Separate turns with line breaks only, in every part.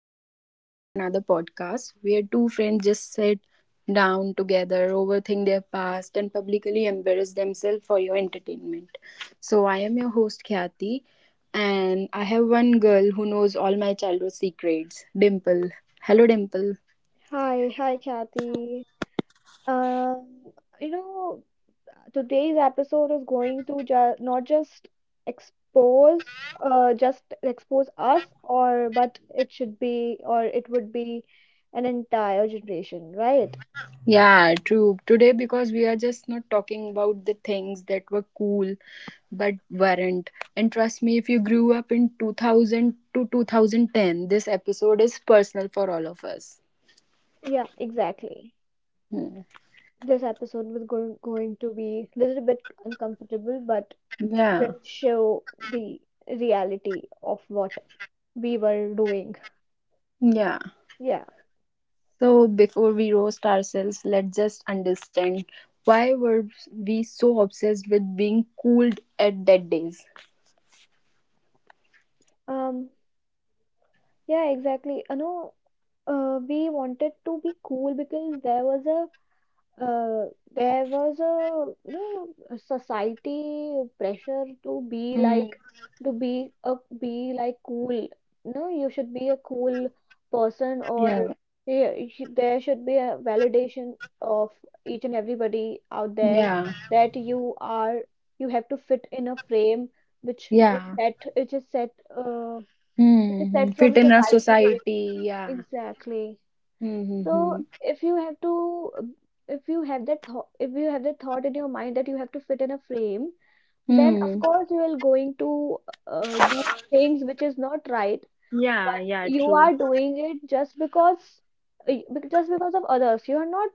Welcome back to our another podcast where two friends just sit down together, overthink their past, and publicly embarrass themselves for your entertainment. So, I am your host, Khyati, and I have one girl who knows all my childhood secrets, Dimple. Hello, Dimple.
Hi, hi, Kathy. Um, you know, today's episode is going to ju not just expose, just expose us, or but it should be, or it would be an entire generation, right?
Yeah, true. Today, because we are just not talking about the things that were cool but weren't. And trust me, if you grew up in 2000 to 2010, this episode is personal for all of us.
Yeah, exactly.
Hmm.
This episode was going to be a little bit uncomfortable, but
Yeah,
will show the reality of what we were doing.
yeah.
Yeah.
So, before we roast ourselves, let's just understand why were we so obsessed with being cool at that days?
Um, Yeah, exactly. I know, we wanted to be cool because there was a a society pressure to be
Hmm.
like, to be a be like cool. No, you should be a cool person, or
Yeah,
yeah, there should be a validation of each and everybody out there,
yeah,
that you are, you have to fit in a frame which is
yeah.
set, which
Hmm.
is
Hmm.
set
Fit
from
in our
society to you.
society, yeah.
Exactly. So
Mm-hmm.
if you have to, if you have that thought, if you have that thought in your mind that you have to fit in a frame, then of
Hmm.
course you are going to do things which is not right,
Yeah,
but
yeah,
you
true.
are doing it just because, just because of others. You are not,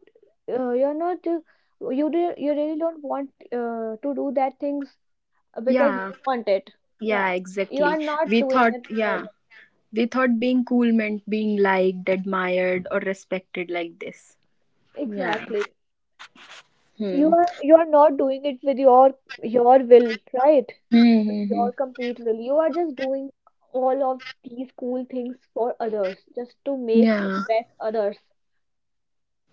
you are not, you really don't want, to do that things because you
Yeah,
want it.
yeah,
Yeah, you
exactly.
are not
We
doing
thought,
it to
yeah, we thought being cool meant being liked, admired, or respected like this. Yeah.
exactly.
Hmm.
You are, you are not doing it with your will, right?
Hmm.
With
Hmm, hmm.
your complete will. You are just doing all of these cool things for others, just to make
Yeah.
impress others.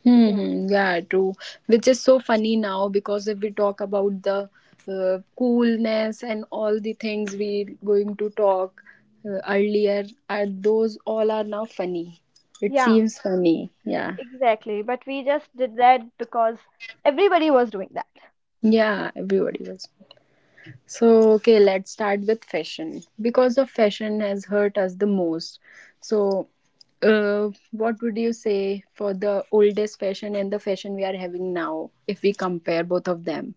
Hmm.
Yeah.
Hmm. Yeah, true. Which is so funny now because if we talk about the coolness and all the things we going to talk earlier, are those all are now funny. It
Yeah,
seems funny. Yeah.
exactly. But we just did that because everybody was doing that.
Yeah, everybody was. So, okay, let's start with fashion because the fashion has hurt us the most. So, what would you say for the oldest fashion and the fashion we are having now if we compare both of them?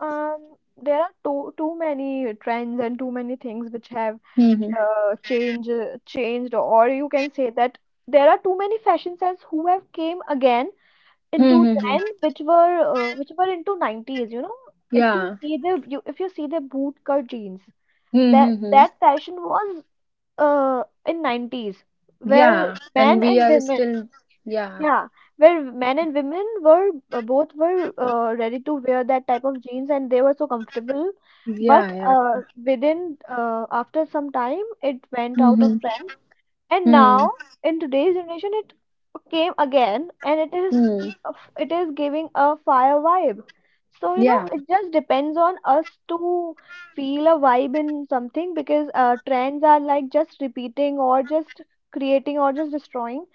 Um, there are too many trends and too many things which have
Mm-hmm.
changed, or you can say that there are too many fashion sense who have came again into
Mm-hmm.
10, which were into 90's. You know, if you
Yeah.
see the you if you see the bootcut jeans, that
Mm-hmm.
that fashion was in 90's, where
Yeah. And
men
we
and
are
women,
still, yeah.
yeah, where men and women were, both were ready to wear that type of jeans and they were so comfortable.
Yeah.
But
Yeah.
within after some time it went out of
Mm-hmm.
trend, and now, in today's generation, it came again, and it is
Mm-hmm.
it is giving a fire vibe. So you know,
Yeah.
it just depends on us to feel a vibe in something because trends are like just repeating, or just creating, or just destroying.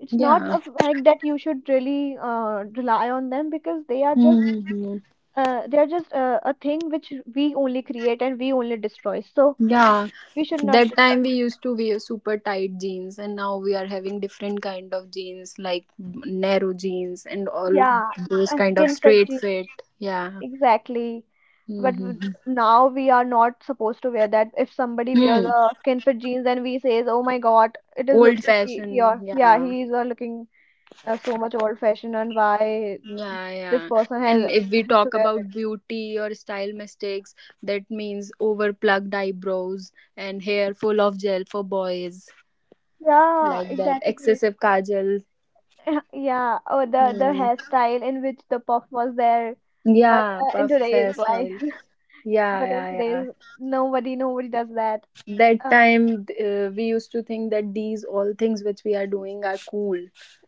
It's not
Yeah.
a fact that you should really rely on them because they are just,
Mm-hmm.
a thing which we only create and we only destroy. So
Yeah.
we should not,
That time we used to wear super tight jeans and now we are having different kind of jeans like narrow jeans and all
yeah,
those kind of
skin fit
straight
jeans.
fit, yeah.
Exactly. But w-
Mm-hmm.
Now we are not supposed to wear that. If somebody wears
Hmm.
a skin fit jeans and we says, "Oh my God, it is look,
Old
he, or
fashioned.
yeah,
Yeah.
he is looking so much old fashioned, and why
Yeah,
this
yeah.
person has
And if we
has to
talk
wear
about
it."
beauty or style mistakes, that means over plugged eyebrows and hair full of gel for boys,
Yeah,
like that.
exactly.
Excessive kajal.
Yeah, or the
Hmm.
hairstyle in which the puff was there, but
Yeah,
in
puff
today's life,
hairstyle. Yeah,
but in
yeah,
today's,
yeah.
nobody does that.
That
Uh,
time we used to think that these all things which we are doing are cool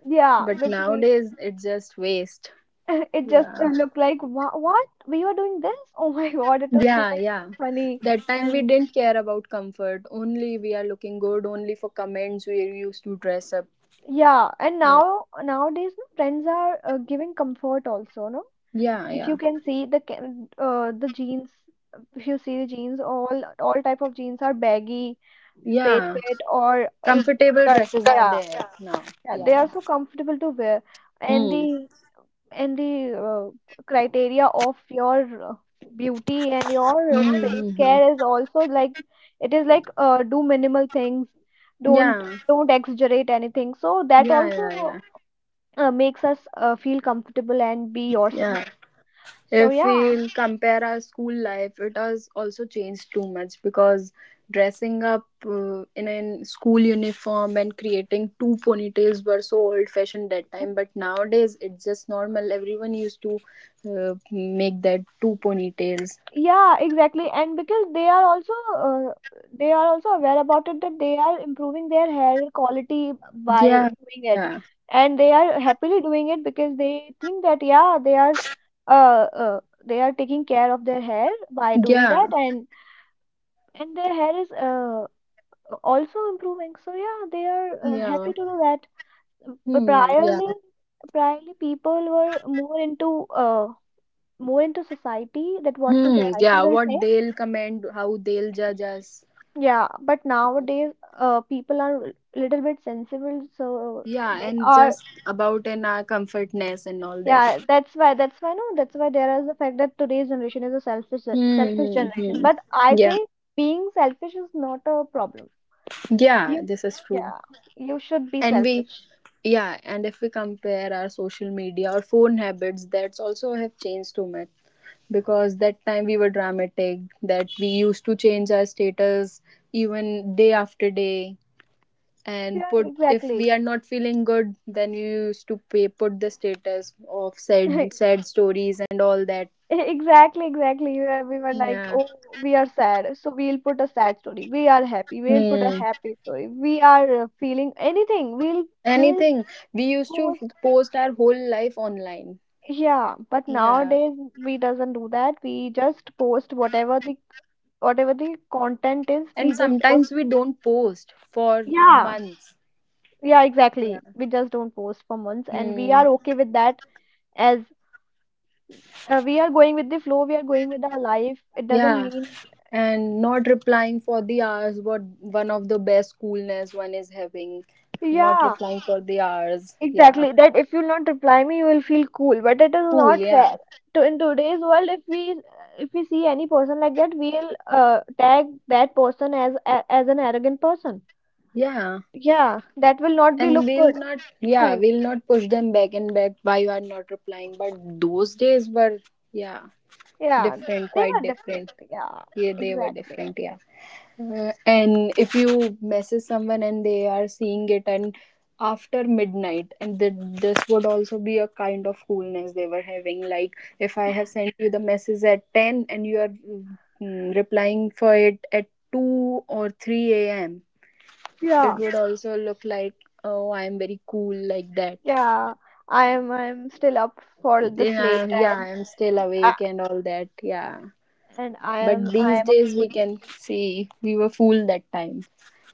yeah,
but
which we
nowadays it's just waste.
it just
Yeah,
looked like, "Wha- what? We were doing this? Oh my God, it was too
yeah,
much
yeah.
funny."
That time we
And
didn't care about comfort, only we are looking good, only for comments we used to dress up.
yeah, and
Yeah,
now nowadays, no, friends are giving comfort also, no?
yeah,
If
yeah,
you can see the jeans, if you see the jeans, all type of jeans are baggy, straight
yeah.
fit, or uh,
Comfortable
cut.
dresses are
Yeah,
there now,
yeah, they
yeah.
are so comfortable to wear, and
Hmm.
the, in the criteria of your beauty and your
Hmm,
face
hmm, hmm.
care is also like, it is like, do minimal things, don't
Yeah,
don't exaggerate anything, so that
yeah, yeah,
also
yeah,
makes us feel comfortable and be yourself.
yeah.
So
If
yeah.
we compare our school life, it has also changed too much because dressing up in a school uniform and creating two ponytails were so old fashioned that time. But nowadays, it's just normal. Everyone used to make that two ponytails.
Yeah, exactly. And because they are also aware about it, that they are improving their hair quality by
Yeah,
doing it.
yeah,
And they are happily doing it because they think that yeah, they are, they are taking care of their hair by doing that,
yeah,
and their hair is also improving. So yeah, they are
yeah.
happy to do that. But
Hmm, yeah,
priorly people were more into society, that what will
hmm,
society
yeah.
will
What
say.
they'll comment, how they'll judge us.
Yeah, but nowadays, people are little bit sensible, so
Yeah,
they
and
are.
just about in our comfortness and all
Yeah,
that.
that's why. That's why. No, that's why there is the fact that today's generation is a selfish,
Hmm.
selfish
Hmm,
generation.
hmm.
But I
Yeah.
think being selfish is not a problem.
Yeah.
You,
This is true.
yeah, you should be
And we,
selfish.
yeah. And if we compare our social media or phone habits, that's also have changed too much. Because that time we were dramatic. That we used to change our status even day after day. And
Yeah,
put if
exactly.
we are not feeling good, then you used to pay, put the status of sad sad stories and all that.
Exactly, exactly. We were like,
Yeah.
oh, we are sad, so we'll put a sad story. We are happy, we'll put a
Hmm.
happy story. We are feeling anything. We'll
Anything. We used to
post.
post our whole life online.
Yeah, but
Yeah.
nowadays we doesn't do that. We just post whatever the, whatever the content is. We
And
just don't.
sometimes we don't post for
Yeah,
months.
yeah, exactly.
Yeah.
We just don't post for months, and we
Hmm.
are okay with that as, we are going with the flow. We are going with our life. It doesn't
Yeah.
mean.
And not replying for the hours, what one of the best coolness one is having. Not
Yeah,
replying for the hours. Yeah.
exactly. That if you'll not reply me, you will feel cool. But it is
Cool,
not fair.
yeah.
To in today's world, if we, if we see any person like that, we'll tag that person as a, as an arrogant person.
Yeah.
Yeah, that will not be
And
look
we'll
good,
not, yeah,
cool.
we'll not push them back and back why you are not replying. But those days were, yeah,
Yeah,
different,
they
quite
were different.
different.
Yeah,
Yeah, they were
exactly.
different, yeah. And if you message someone and they are seeing it and after midnight and this would also be a kind of coolness they were having, like if I have sent you the message at 10 and you are replying for it at 2 or 3 a.m. It
Yeah,
would also look like, oh, I am very cool like that,
yeah. I am still up for this
yeah,
late,
yeah, I
and
am still
I-
awake and all that, yeah.
and I
But
am I
these
am a
days
cool.
we can see we were fooled that time.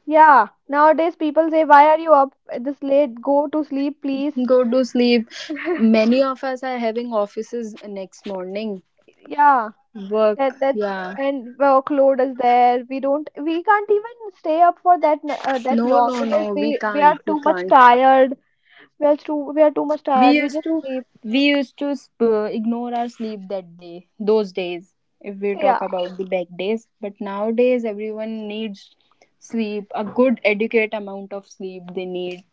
Yeah, nowadays people say, why are you up at this late? Go to sleep, please.
Go to sleep. Many of us are having offices next morning.
Yeah,
Work,
that that
yeah.
and workload is there. We don't, we can't even stay up for that, that
No,
long,
no,
because
no, we
we
can't.
are
We
too much
can't.
tired. We are too much
We
tired. We
used
just
to
sleep.
we used to ignore our sleep that day, those days, if we
Yeah,
talk about the back days. But nowadays, everyone needs sleep, a good, adequate amount of sleep they need.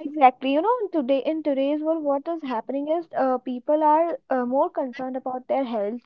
exactly. You know, today in today's world, what is happening is, people are more concerned about their health,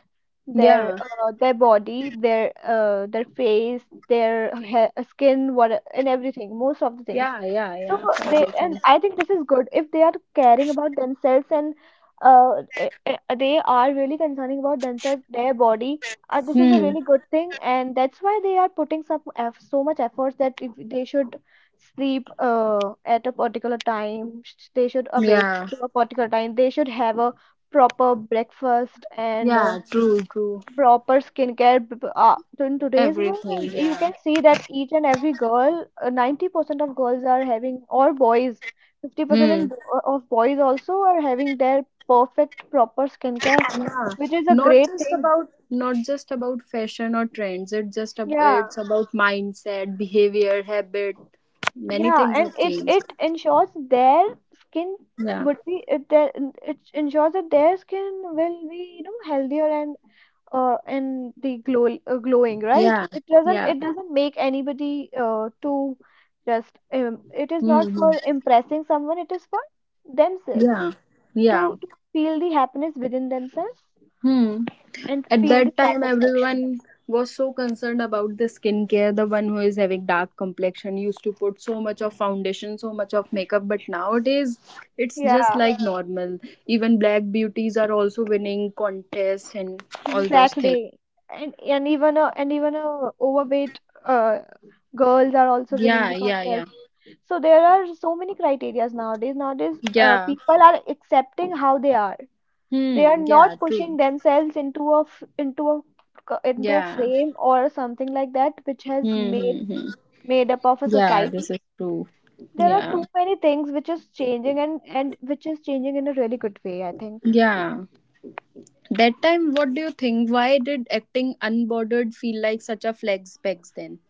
Yeah,
their body, their face, their hair, skin, what and everything. Most of the things.
yeah, yeah,
So
yeah,
they, and
everything.
I think this is good if they are caring about themselves, and they are really concerning about themselves, their body. This is a
Hmm,
really good thing, and that's why they are putting some eff so much efforts, that if they should sleep at a particular time, they should awake
yeah,
to a particular time, they should have a proper breakfast, and
yeah, true, true.
proper skincare. So in today's world,
Everything,
you
yeah.
can see that each and every girl, 90% of girls are having, or boys, 50% in,
Hmm.
of boys also are having their perfect proper skincare,
Yeah.
which is a
not
great
just
thing.
about not just about fashion or trends, it's just ab
Yeah.
it's about mindset, behavior, habit. Many
Yeah,
things
and
have
it
changed.
it ensures their skin
Yeah,
would be, it ensures that their skin will be, you know, healthier and the glow, glowing, right.
yeah,
It doesn't,
yeah.
it doesn't make anybody to just, it is not
Mm-hmm.
for impressing someone. It is for themselves
Yeah, yeah.
to feel the happiness within themselves
Hmm.
and
At
feel
that
the
time everyone
satisfaction.
was so concerned about the skincare, the one who is having dark complexion used to put so much of foundation, so much of makeup, but nowadays it's just
Yeah,
like normal. Even black beauties are also winning contests and all those things.
exactly. And even, overweight, girls are also winning
Yeah,
the
yeah, yeah.
contest. So there are so many criterias nowadays. Nowadays,
Yeah.
people are accepting how they are. They are
Hmm. Yeah,
not pushing
true.
themselves into into into a
Yeah.
frame or something like that, which has
Hmm.
made,
Hmm, hmm.
made up of a
Yeah, this
society.
is true.
There are
Yeah.
too many things which is changing, and which is changing in a really good way, I think.
Yeah. That time, what do you think? Why did acting unbordered feel like such a flex pegs then?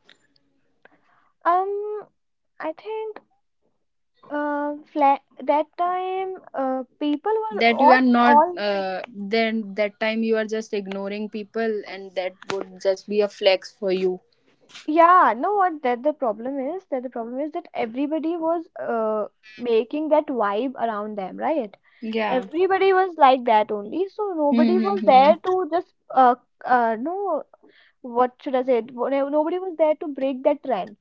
Um, I think. Fla That time, people were
That you are not,
all,
then that time you are just ignoring people and that would just be a flex for you.
yeah, no, what, that the problem is, that the problem is that everybody was making that vibe around them, right?
Yeah.
Everybody was like that only, so nobody was there
Mm-hmm.
to just no, what should I say? Nobody was there to break that trend.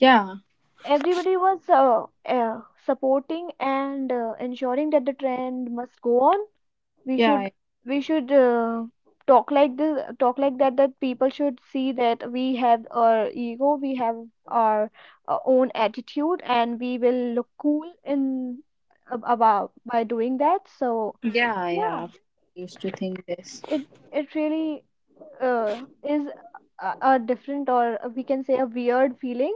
Yeah.
Everybody was, supporting and ensuring that the trend must go on. We should,
Yeah.
we should talk like this, talk like that, that people should see that we have our ego, we have our, own attitude, and we will look cool in about by doing that. So
Yeah.
yeah,
Yeah. I used to think this.
it it really uh, is a different, or we can say a weird feeling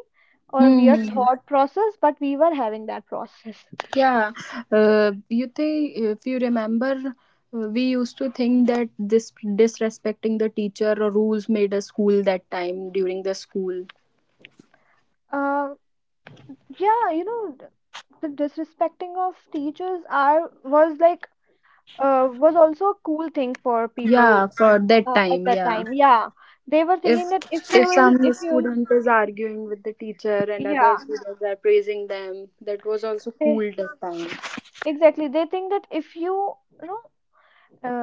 or a weird
Mm-hmm.
thought process, but we were having that process.
Yeah, you think if you remember, we used to think that this disrespecting the teacher or rules made us cool that time during the school.
uh, yeah, you know, the disrespecting of teachers are was like was also a cool thing for people
Yeah, for that
at
time,
that
yeah.
time. Yeah, they were
If
thinking that
if some
if you will,
student is arguing with the teacher and other
yeah,
students are praising them, that was also
they,
cool that time.
exactly. They think that if you, you know,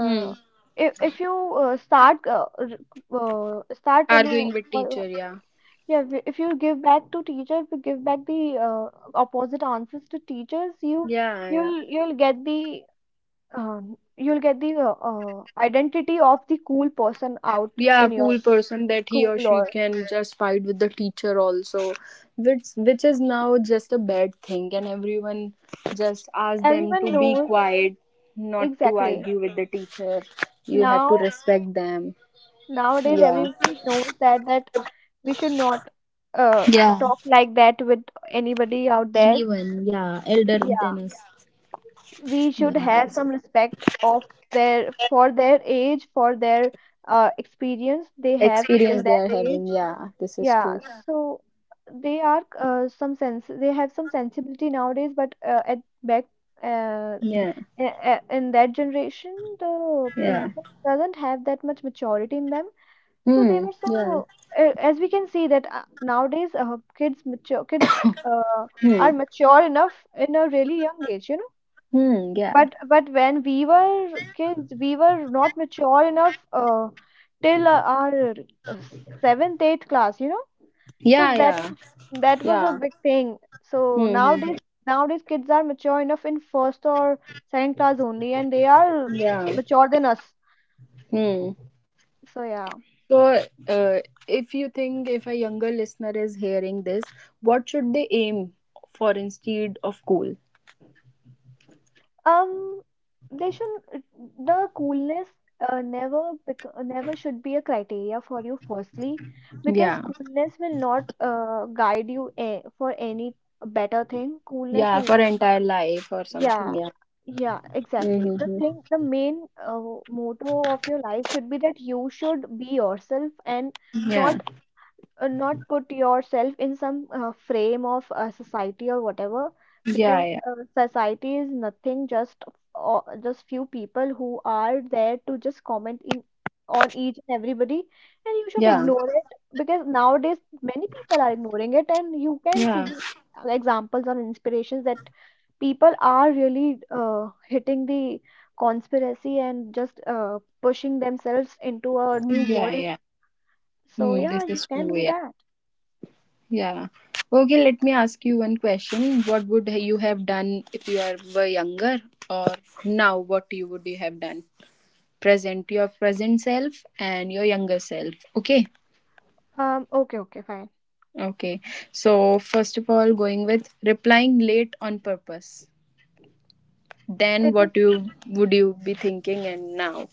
Hmm.
if you start start,
Arguing with teacher, yeah.
yeah, if you give back to teacher, if you give back the opposite answers to teachers,
Yeah, yeah.
you'll get the you'll get the identity of the cool person out
Yeah,
in your
cool person that he or
school
she
or
can just fight with the teacher also, which is now just a bad thing and everyone just ask them
everyone
to be
knows
quiet, not to
exactly
argue with the teacher, you have
now
to respect them,
nowadays
yeah.
everybody knows that we should not uh
Yeah,
talk like that with anybody out there.
anyone, yeah, elder than
Yeah,
us.
we should
Yeah,
have some respect of their for their age, for their experience they have till
experience they are
that
having,
age.
yeah, this is
Yeah,
true.
so they are, some sense, they have some sensibility nowadays, but at back, uh,
Yeah,
in that generation the
yeah.
people doesn't have that much maturity in them. So they
Hmm.
were
Yeah.
so as we can see that nowadays kids mature kids uh, are
Hmm.
mature enough in a really young age, you know.
Hmm. Yeah.
But when we were kids, we were not mature enough till our uh, seventh eighth class, you know. So
Yeah,
that
yeah,
was, that was a
yeah.
big thing. So
Hmm. Hmm,
nowadays,
hmm.
nowadays kids are mature enough in first or second class only, and they are
Yeah.
mature than us.
Hmm.
So yeah.
So, uh, if you think if a younger listener is hearing this, what should they aim for instead of goal?
um, they should, the coolness uh, never bec never should be a criteria for you. Firstly, because
Yeah,
coolness will not guide you a for any better thing. Coolness
yeah,
will
for
not.
entire life or
Yeah.
something. Yeah,
Yeah, exactly. The
mm-hmm.
thing, the main motto of your life should be that you should be yourself and
Yeah,
not not put yourself in some frame of society or whatever,
yeah,
because
yeah,
society is nothing, just just few people who are there to just comment in on each and everybody, and you should
yeah,
ignore it, because nowadays many people are ignoring it, and you can see
yeah,
the examples or inspirations that people are really hitting the conspiracy and just pushing themselves into a new
yeah,
world.
yeah.
So
Mm,
yeah,
this
you
is
can
true.
do
Yeah,
that.
yeah. Okay, let me ask you one question. What would you have done if were younger, or now? What you would you have done? Present your present self and your younger self. Okay.
Okay, okay, fine.
Okay. So first of all, going with replying late on purpose. Then
It is,
what you would you be thinking and now?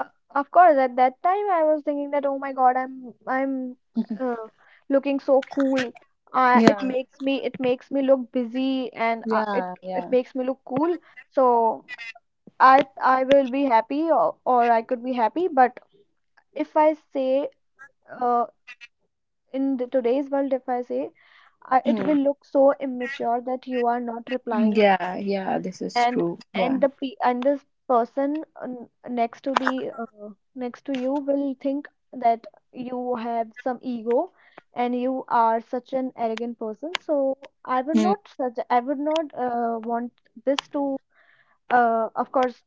uh, of course, at that time I was thinking that, oh my God, uh, looking so cool.
Yeah.
It makes me look busy, and
Yeah.
it
Yeah.
makes me look cool. So I will be happy, or I could be happy. But if I say, uh, in the, today's world, if I say, it
Hmm.
will look so immature that you are not replying,
Yeah. Yeah. This is
and
true. Yeah.
and the pe and this person next to the next to you will think that you have some ego and you are such an arrogant person. So
Hmm.
I would not want this to uh, of course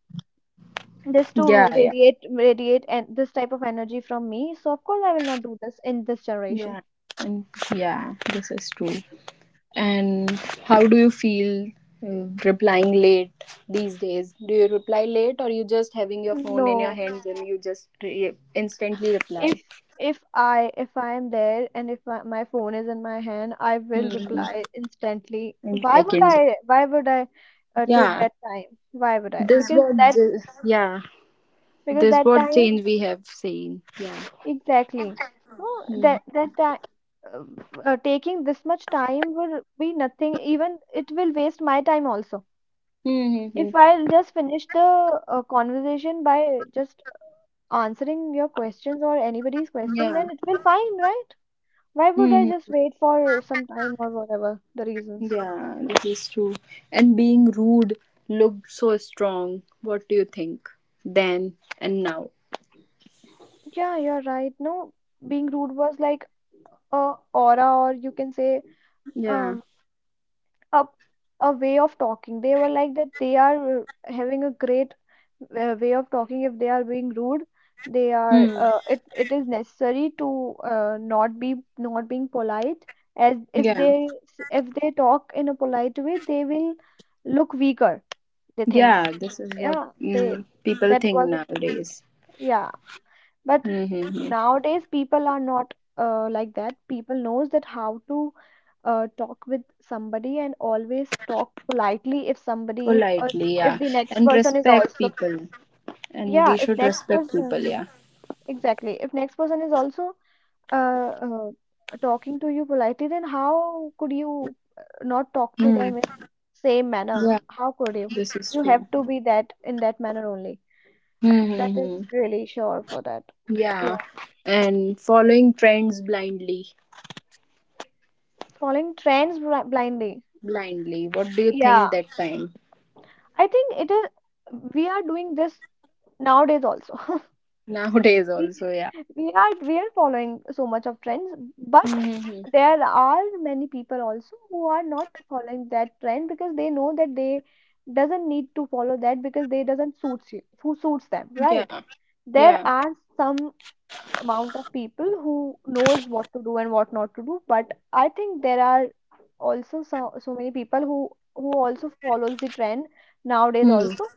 this to
Yeah. Yeah.
radiate, and this type of energy from me. So of course I will not do this in this generation.
Yeah. And, yeah, this is true. And how do you feel replying late these days? Do you reply late or you just having your phone in your
No,
hands and you just instantly reply?
if if I am there and if my phone is in my hand, I will
Hmm.
reply instantly.
In
Why would
seconds.
I, why would I take
Yeah.
that time? Why would I?
This what the, yeah.
Because
This
that
what
time,
change we have seen. Yeah.
exactly. No,
Mhm.
that time taking this much time will be nothing. Even it will waste my time also.
Mm-hmm.
If I'll just finish the conversation by just answering your questions or anybody's question,
Yeah.
then it will fine, right? Why would I
Hmm.
just wait for some time or whatever the reasons?
Yeah. This is true. And being rude looked so strong. What do you think? Then and now.
Yeah, you're right. No, being rude was like a aura, or you can say,
Yeah.
um a a way of talking. They were like that. They are having a great way of talking. If they are being rude, they are.
Hmm.
It is necessary to not being polite. As if
Yeah.
they, if they talk in a polite way, they will look weaker. They thinks.
Yeah. This is what,
Yeah, they
people
that
think
was,
nowadays.
yeah. But
Mm-hmm.
nowadays people are not like that. People knows that how to talk with somebody and always talk politely if somebody is, or
Politely,
if
yeah,
the next
and
person is
respect
also,
people, and
yeah,
we
if
should
next
respect
person,
people, yeah.
exactly, if next person is also uh, uh, talking to you politely, then how could you not talk to
Mm.
them in same
Yeah,
manner? How could you?
this is
You have
true.
to be that in that manner only. That is
Mm-hmm.
really sure for that.
Yeah,
Yeah,
and following trends blindly,
following trends blindly.
blindly. What do you
Yeah,
think that time?
I think it is. We are doing this nowadays also.
Nowadays
We
also, yeah.
we are, we are following so much of trends, but
Mm-hmm.
there are many people also who are not following that trend because they know that they doesn't need to follow that, because they doesn't suits you, who suits them, right?
Yeah,
There
yeah.
are some amount of people who knows what to do and what not to do, but I think there are also so, so many people who also follows the trend nowadays
Hmm.
also,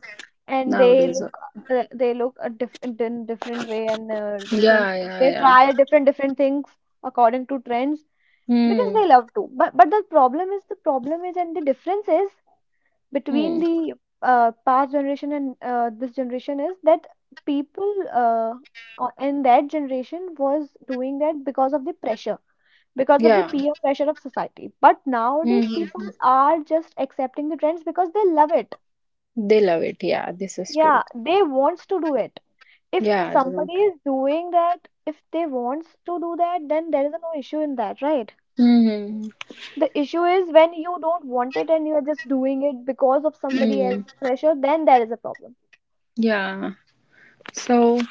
and
Nowadays,
they look a in different way, and different,
yeah, yeah,
they
yeah.
try different, different things according to trends because
Hmm.
they love to. But the problem is, and the difference is between
Hmm.
the past generation and this generation is that people, in that generation was doing that because of the pressure, because of the
Yeah.
peer pressure of society, but nowadays people
Hmm.
are just accepting the trends because they love it.
They love it. Yeah, this is true.
Yeah, they wants to do it. If
Yeah, they
somebody
don't.
is doing that, if they wants to do that, then there is no issue in that, right?
Hmm.
The issue is when you don't want it and you are just doing it because of somebody
Hmm.
else's pressure, then there is a problem.
Yeah. So,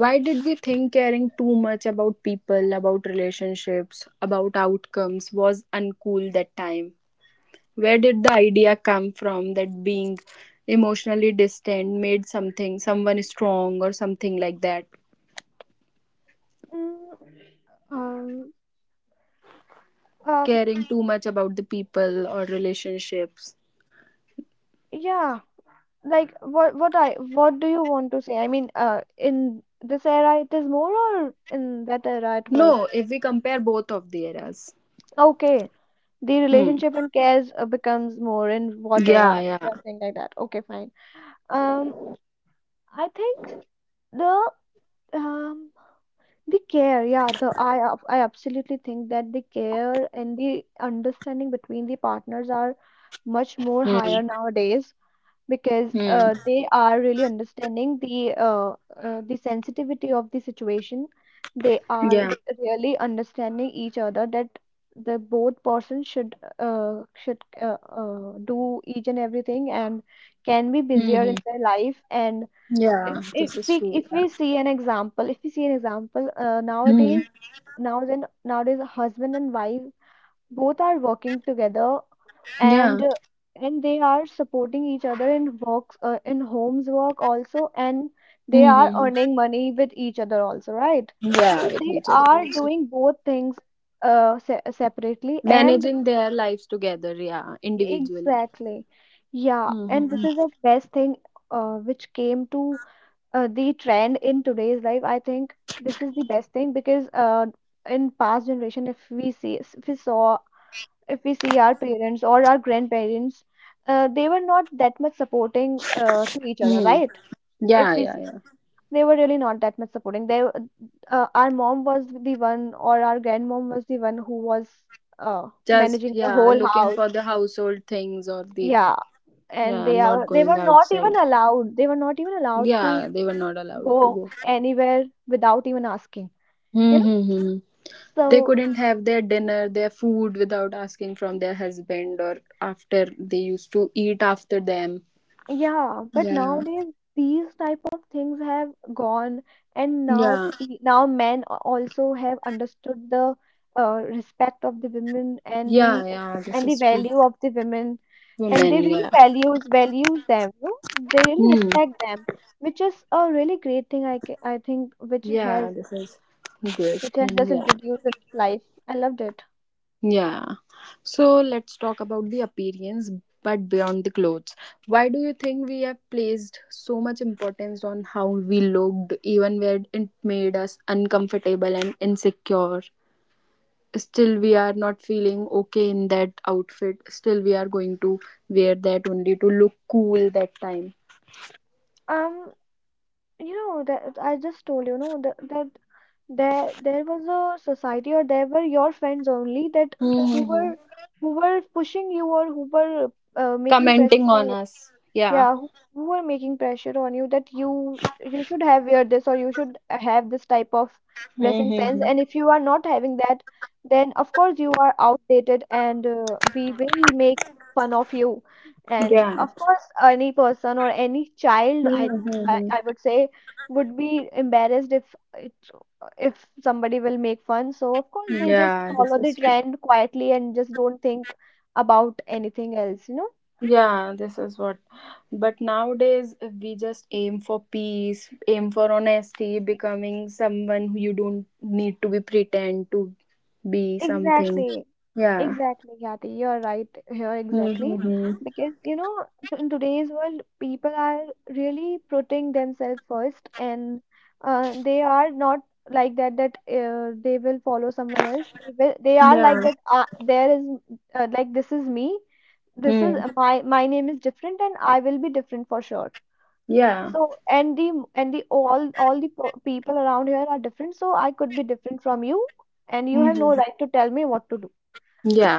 why did we think caring too much about people, about relationships, about outcomes was uncool that time? Where did the idea come from that being emotionally distant made something someone strong or something like that?
Mm. Um, uh,
Caring too much about the people or relationships.
yeah, like what I, what do you want to say? In this era it is more, or in that era it was.
No, if we compare both of the eras.
Okay. The
Hmm.
relationship and cares becomes more in what
Yeah,
era?
yeah.
You're saying like that. Okay, fine. Um, I think the um the care, yeah, the I absolutely think that the care and the understanding between the partners are much more higher
Hmm.
nowadays, because
Hmm.
they are really understanding the sensitivity of the situation. They are
Yeah.
really understanding each other that the both person should do each and everything and can be
Hmm. Hmm.
busier in their life. And
Yeah, this
if
is
we,
true.
if we see an example, if we see an example,
Yeah. Hmm.
nowadays, nowadays nowadays husband and wife both are working together, and
Yeah.
uh, and they are supporting each other in works, in homes work also, and they
Hmm.
are
Hmm, hmm.
earning money with each other also, right?
Yeah,
So
with
they
each
are
other.
doing both things se separately. And
Managing their lives together, yeah, individually.
exactly, yeah,
Hmm.
and this
Hmm.
is the best thing which came to the trend in today's life. I think this is the best thing because in past generation, if we see, if we saw, if we see our parents or our grandparents, they were not that much supporting to each other,
Mm.
right? If
Yeah,
we
yeah,
see,
yeah.
they were really not that much supporting. They, our mom was the one, or our grandmom was the one who was
Just,
managing the
yeah,
whole
looking
house.
for the household things or the,
Yeah, and
yeah, not
they
going
were not
outside.
even allowed. They were not even allowed to
Yeah, they were not allowed to
go
go.
anywhere without even asking. You know,
Mm-hmm. They
so,
couldn't have their dinner, their food without asking from their husband or after they used to eat after them.
yeah, but
Yeah.
nowadays these type of things have gone, and now
Yeah.
now men also have understood the respect of the women,
Yeah, yeah, this
and the
is true.
value of the women, and
Women,
they really
yeah.
values, them. You know? They really
Hmm.
respect them, which is a really great thing. I think, which
Yeah,
has,
this is good
which has
thing,
just
yeah.
introduced in life. I loved it.
Yeah. So let's talk about the appearance, but beyond the clothes. Why do you think we have placed so much importance on how we looked, even when it made us uncomfortable and insecure? Still, we are not feeling okay in that outfit. Still, we are going to wear that only to look cool that time.
Um, You know that I just told you, know that that there was a society, or there were your friends only that who
Mm-hmm.
were, who were pushing you, or who were making pressure
Commenting
on
on
you.
us. Yeah.
Yeah, who are making pressure on you that you should have wear this, or you should have this type of dressing sense.
Mm-hmm.
And if you are not having that, then of course you are outdated, and we will make fun of you. And
Yeah.
of course, any person or any child,
Mm-hmm.
I would say, would be embarrassed if it, if somebody will make fun. So of course they just
Yeah,
follow
this
the
is.
trend quietly and just don't think about anything else, you know?
Yeah, this is what. But nowadays, we just aim for peace, aim for honesty, becoming someone who you don't need to be pretend to be something.
Exactly.
Yeah.
Exactly, Yati. You're right here, exactly.
Mm-hmm.
Because, you know, in today's world, people are really putting themselves first, and they are not like that, that they will follow someone else. They will, they are like
Yeah.
that, there is, like, this is me. This is
Mm.
my name is different, and I will be different for sure.
Yeah.
So, all the people around here are different. So I could be different from you, and you have no
Mm-hmm.
right to tell me what to do.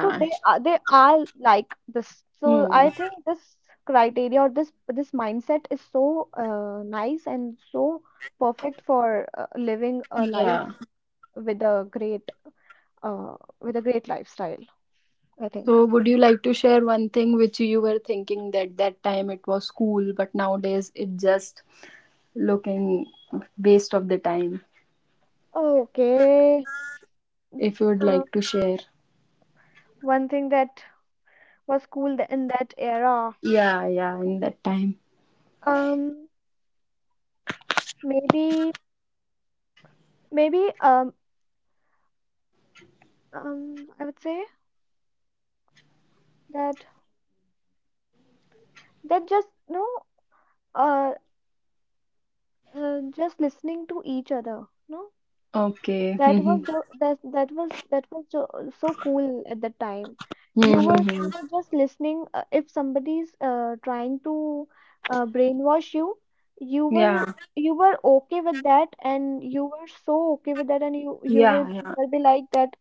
So they are like this. So
Mm.
I think this criteria or this mindset is so nice and so perfect for
Yeah.
living a life with a great lifestyle, I
So,
think.
would you like to share one thing which you were thinking that that time it was cool, but nowadays it just looking waste of the time?
Okay.
If you would
Uh,
like to share.
one thing that was cool in that era,
Yeah, yeah, in that time.
um, maybe maybe I would say that that just no uh, just listening to each other, no.
Okay.
That
Mm-hmm.
was jo that that was jo so cool at the time. You were
Hmm.
you were just listening. If somebody's trying to brainwash you, you were
Yeah,
you were okay with that, and you were so okay with that, and you you
yeah,
will, you
yeah.
will be like that.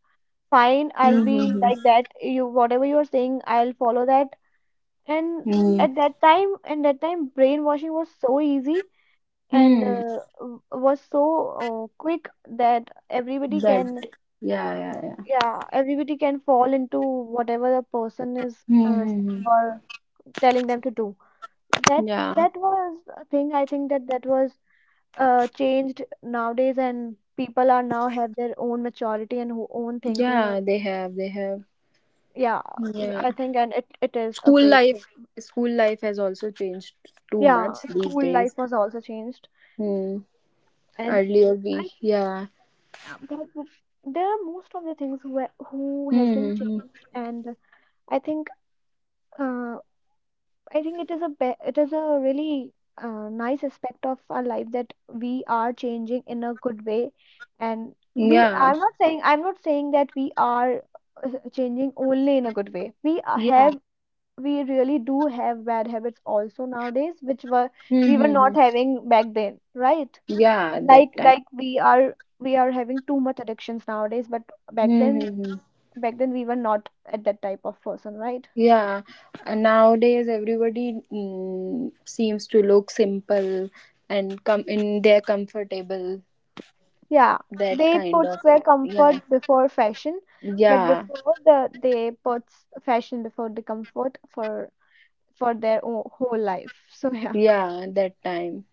Fine, I'll be
Mm-hmm.
like that. You whatever you're saying, I'll follow that. And at that time, brainwashing was so easy and
Mm-hmm.
was so quick that everybody
That.
can,
Yeah, yeah, yeah.
yeah, everybody can fall into whatever the person is
Mm-hmm.
saying or telling them to do. That
Yeah,
that was a thing. I think that was changed nowadays, and people are now have their own maturity and own thinking. And
yeah. They have, they have.
yeah,
Yeah.
I think and it is a
School
great
life,
thing.
school life has also changed too
Yeah,
much these
school life
days.
was also changed,
Hmm.
and
Earlier we,
I
yeah.
but there are most of the things where, who has been
Mm-hmm.
changed, and I think. Uh, I think it is a be it is a really nice aspect of our life that we are changing in a good way, and we
Yeah,
I'm not saying that we are uh, changing only in a good way.
yeah.
We really do have bad habits also nowadays, which were we were not
Mm-hmm.
having back then, right?
Yeah, that
Like
time.
like we are having too much addictions nowadays, but back then
Mm-hmm.
back then we were not at that type of person, right?
Yeah, nowadays everybody seems to look simple and come in their comfortable
Yeah,
that
they
kind
puts
of,
their
yeah,
comfort before fashion, but
yeah,
before the they puts fashion before the comfort for their whole life. So yeah.
yeah, that time,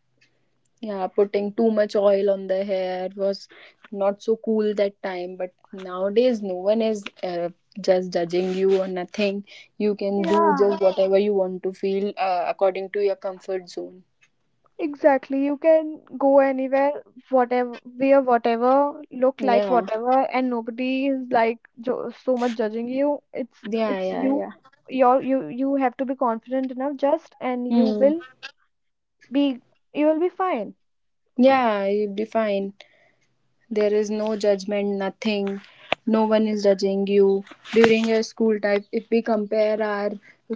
yeah. Putting too much oil on the hair was not so cool that time but nowadays no one is just judging you or nothing. You can do
Yeah,
just whatever you want to feel according to your comfort zone.
exactly. You can go anywhere, whatever, wear whatever, look like
Yeah,
whatever, and nobody is like jo so much judging you. It's
yeah,
it's
yeah,
you.
yeah.
You have to be confident enough just and
Hmm.
be you will be fine.
Yeah, you'll be fine. There is no judgment, nothing. No one is judging you. During your school time, if we compare our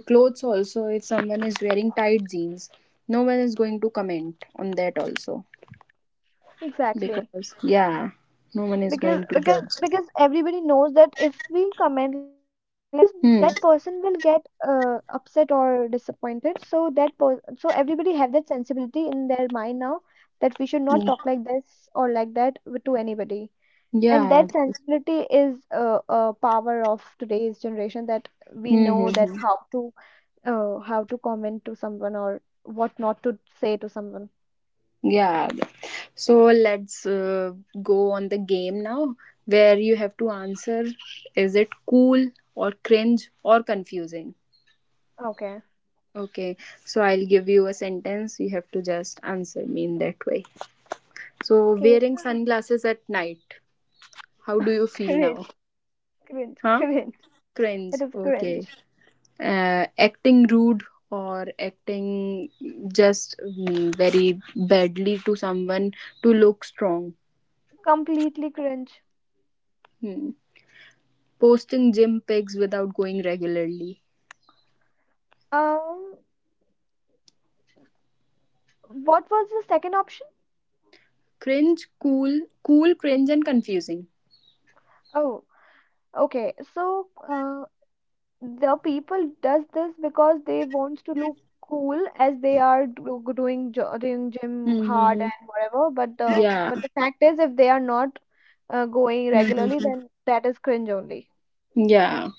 clothes also, if someone is wearing tight jeans, no one is going to comment on that also.
Exactly.
Because, yeah, no one is
because
going to
because
judge.
because everybody knows that if we comment like this that
Hmm.
person will get upset or disappointed so so everybody have that sensibility in their mind now that we should not
Hmm.
talk like this or like that to anybody and
Yeah.
that sensibility is a power of today's generation that we know that
Mm-hmm.
how to comment to someone or what not to say to someone.
Yeah. So let's go on the game now where you have to answer, is it cool or cringe or confusing?
Okay.
Okay. So I'll give you a sentence. You have to just answer me in that way. So
Okay.
wearing sunglasses at night. How do you feel now?
cringe cringe,
Huh?
cringe it
Cringe.
is
Okay.
cringe.
Acting rude or acting just, very badly to someone to look strong.
Completely cringe.
Hmm. Posting gym pics without going regularly.
Um, what was the second option?
Cringe, cool, cool, cringe, and confusing.
Oh, okay. So, the people does this because they wants to look cool as they are do doing doing gym hard
Mm-hmm.
and whatever.
Yeah.
But the fact is, if they are not going regularly,
Mm-hmm.
then that is cringe only.
Yeah.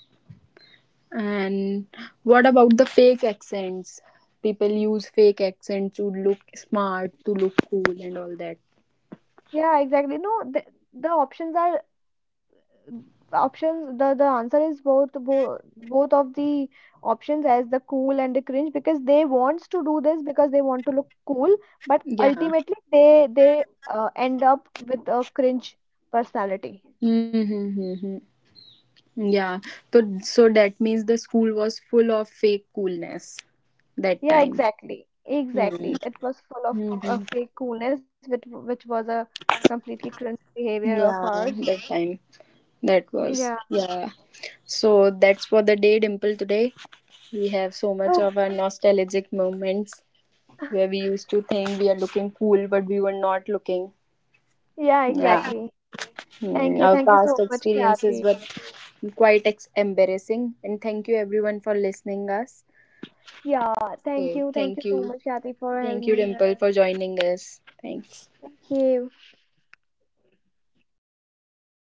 And what about the fake accents? People use fake accents to look smart, to look cool, and all that.
Yeah, exactly. No, the options are options the answer is both of the options as the cool and the cringe because they wants to do this because they want to look cool but
Yeah.
ultimately they end up with a cringe personality.
Mm-hmm. Yeah. So, so that means the school was full of fake coolness that
Yeah,
time.
exactly
Mm-hmm.
exactly it was full of fake coolness which was a completely cringe behavior of
Yeah,
ours.
that time. That
Yeah.
was. Yeah. So that's for the day, Dimple. Today we have so much
Oh,
of our nostalgic moments where we used to think we are looking cool, but we were not looking.
yeah,
Yeah,
exactly.
Our
Thank you
past
so much,
experiences
Kathy.
were quite embarrassing. And thank you everyone for listening us.
Yeah,
Okay,
thank you so much, Kathy, for
thank
having
you,
me here.
Dimple, for joining us. Thanks.
Thank you.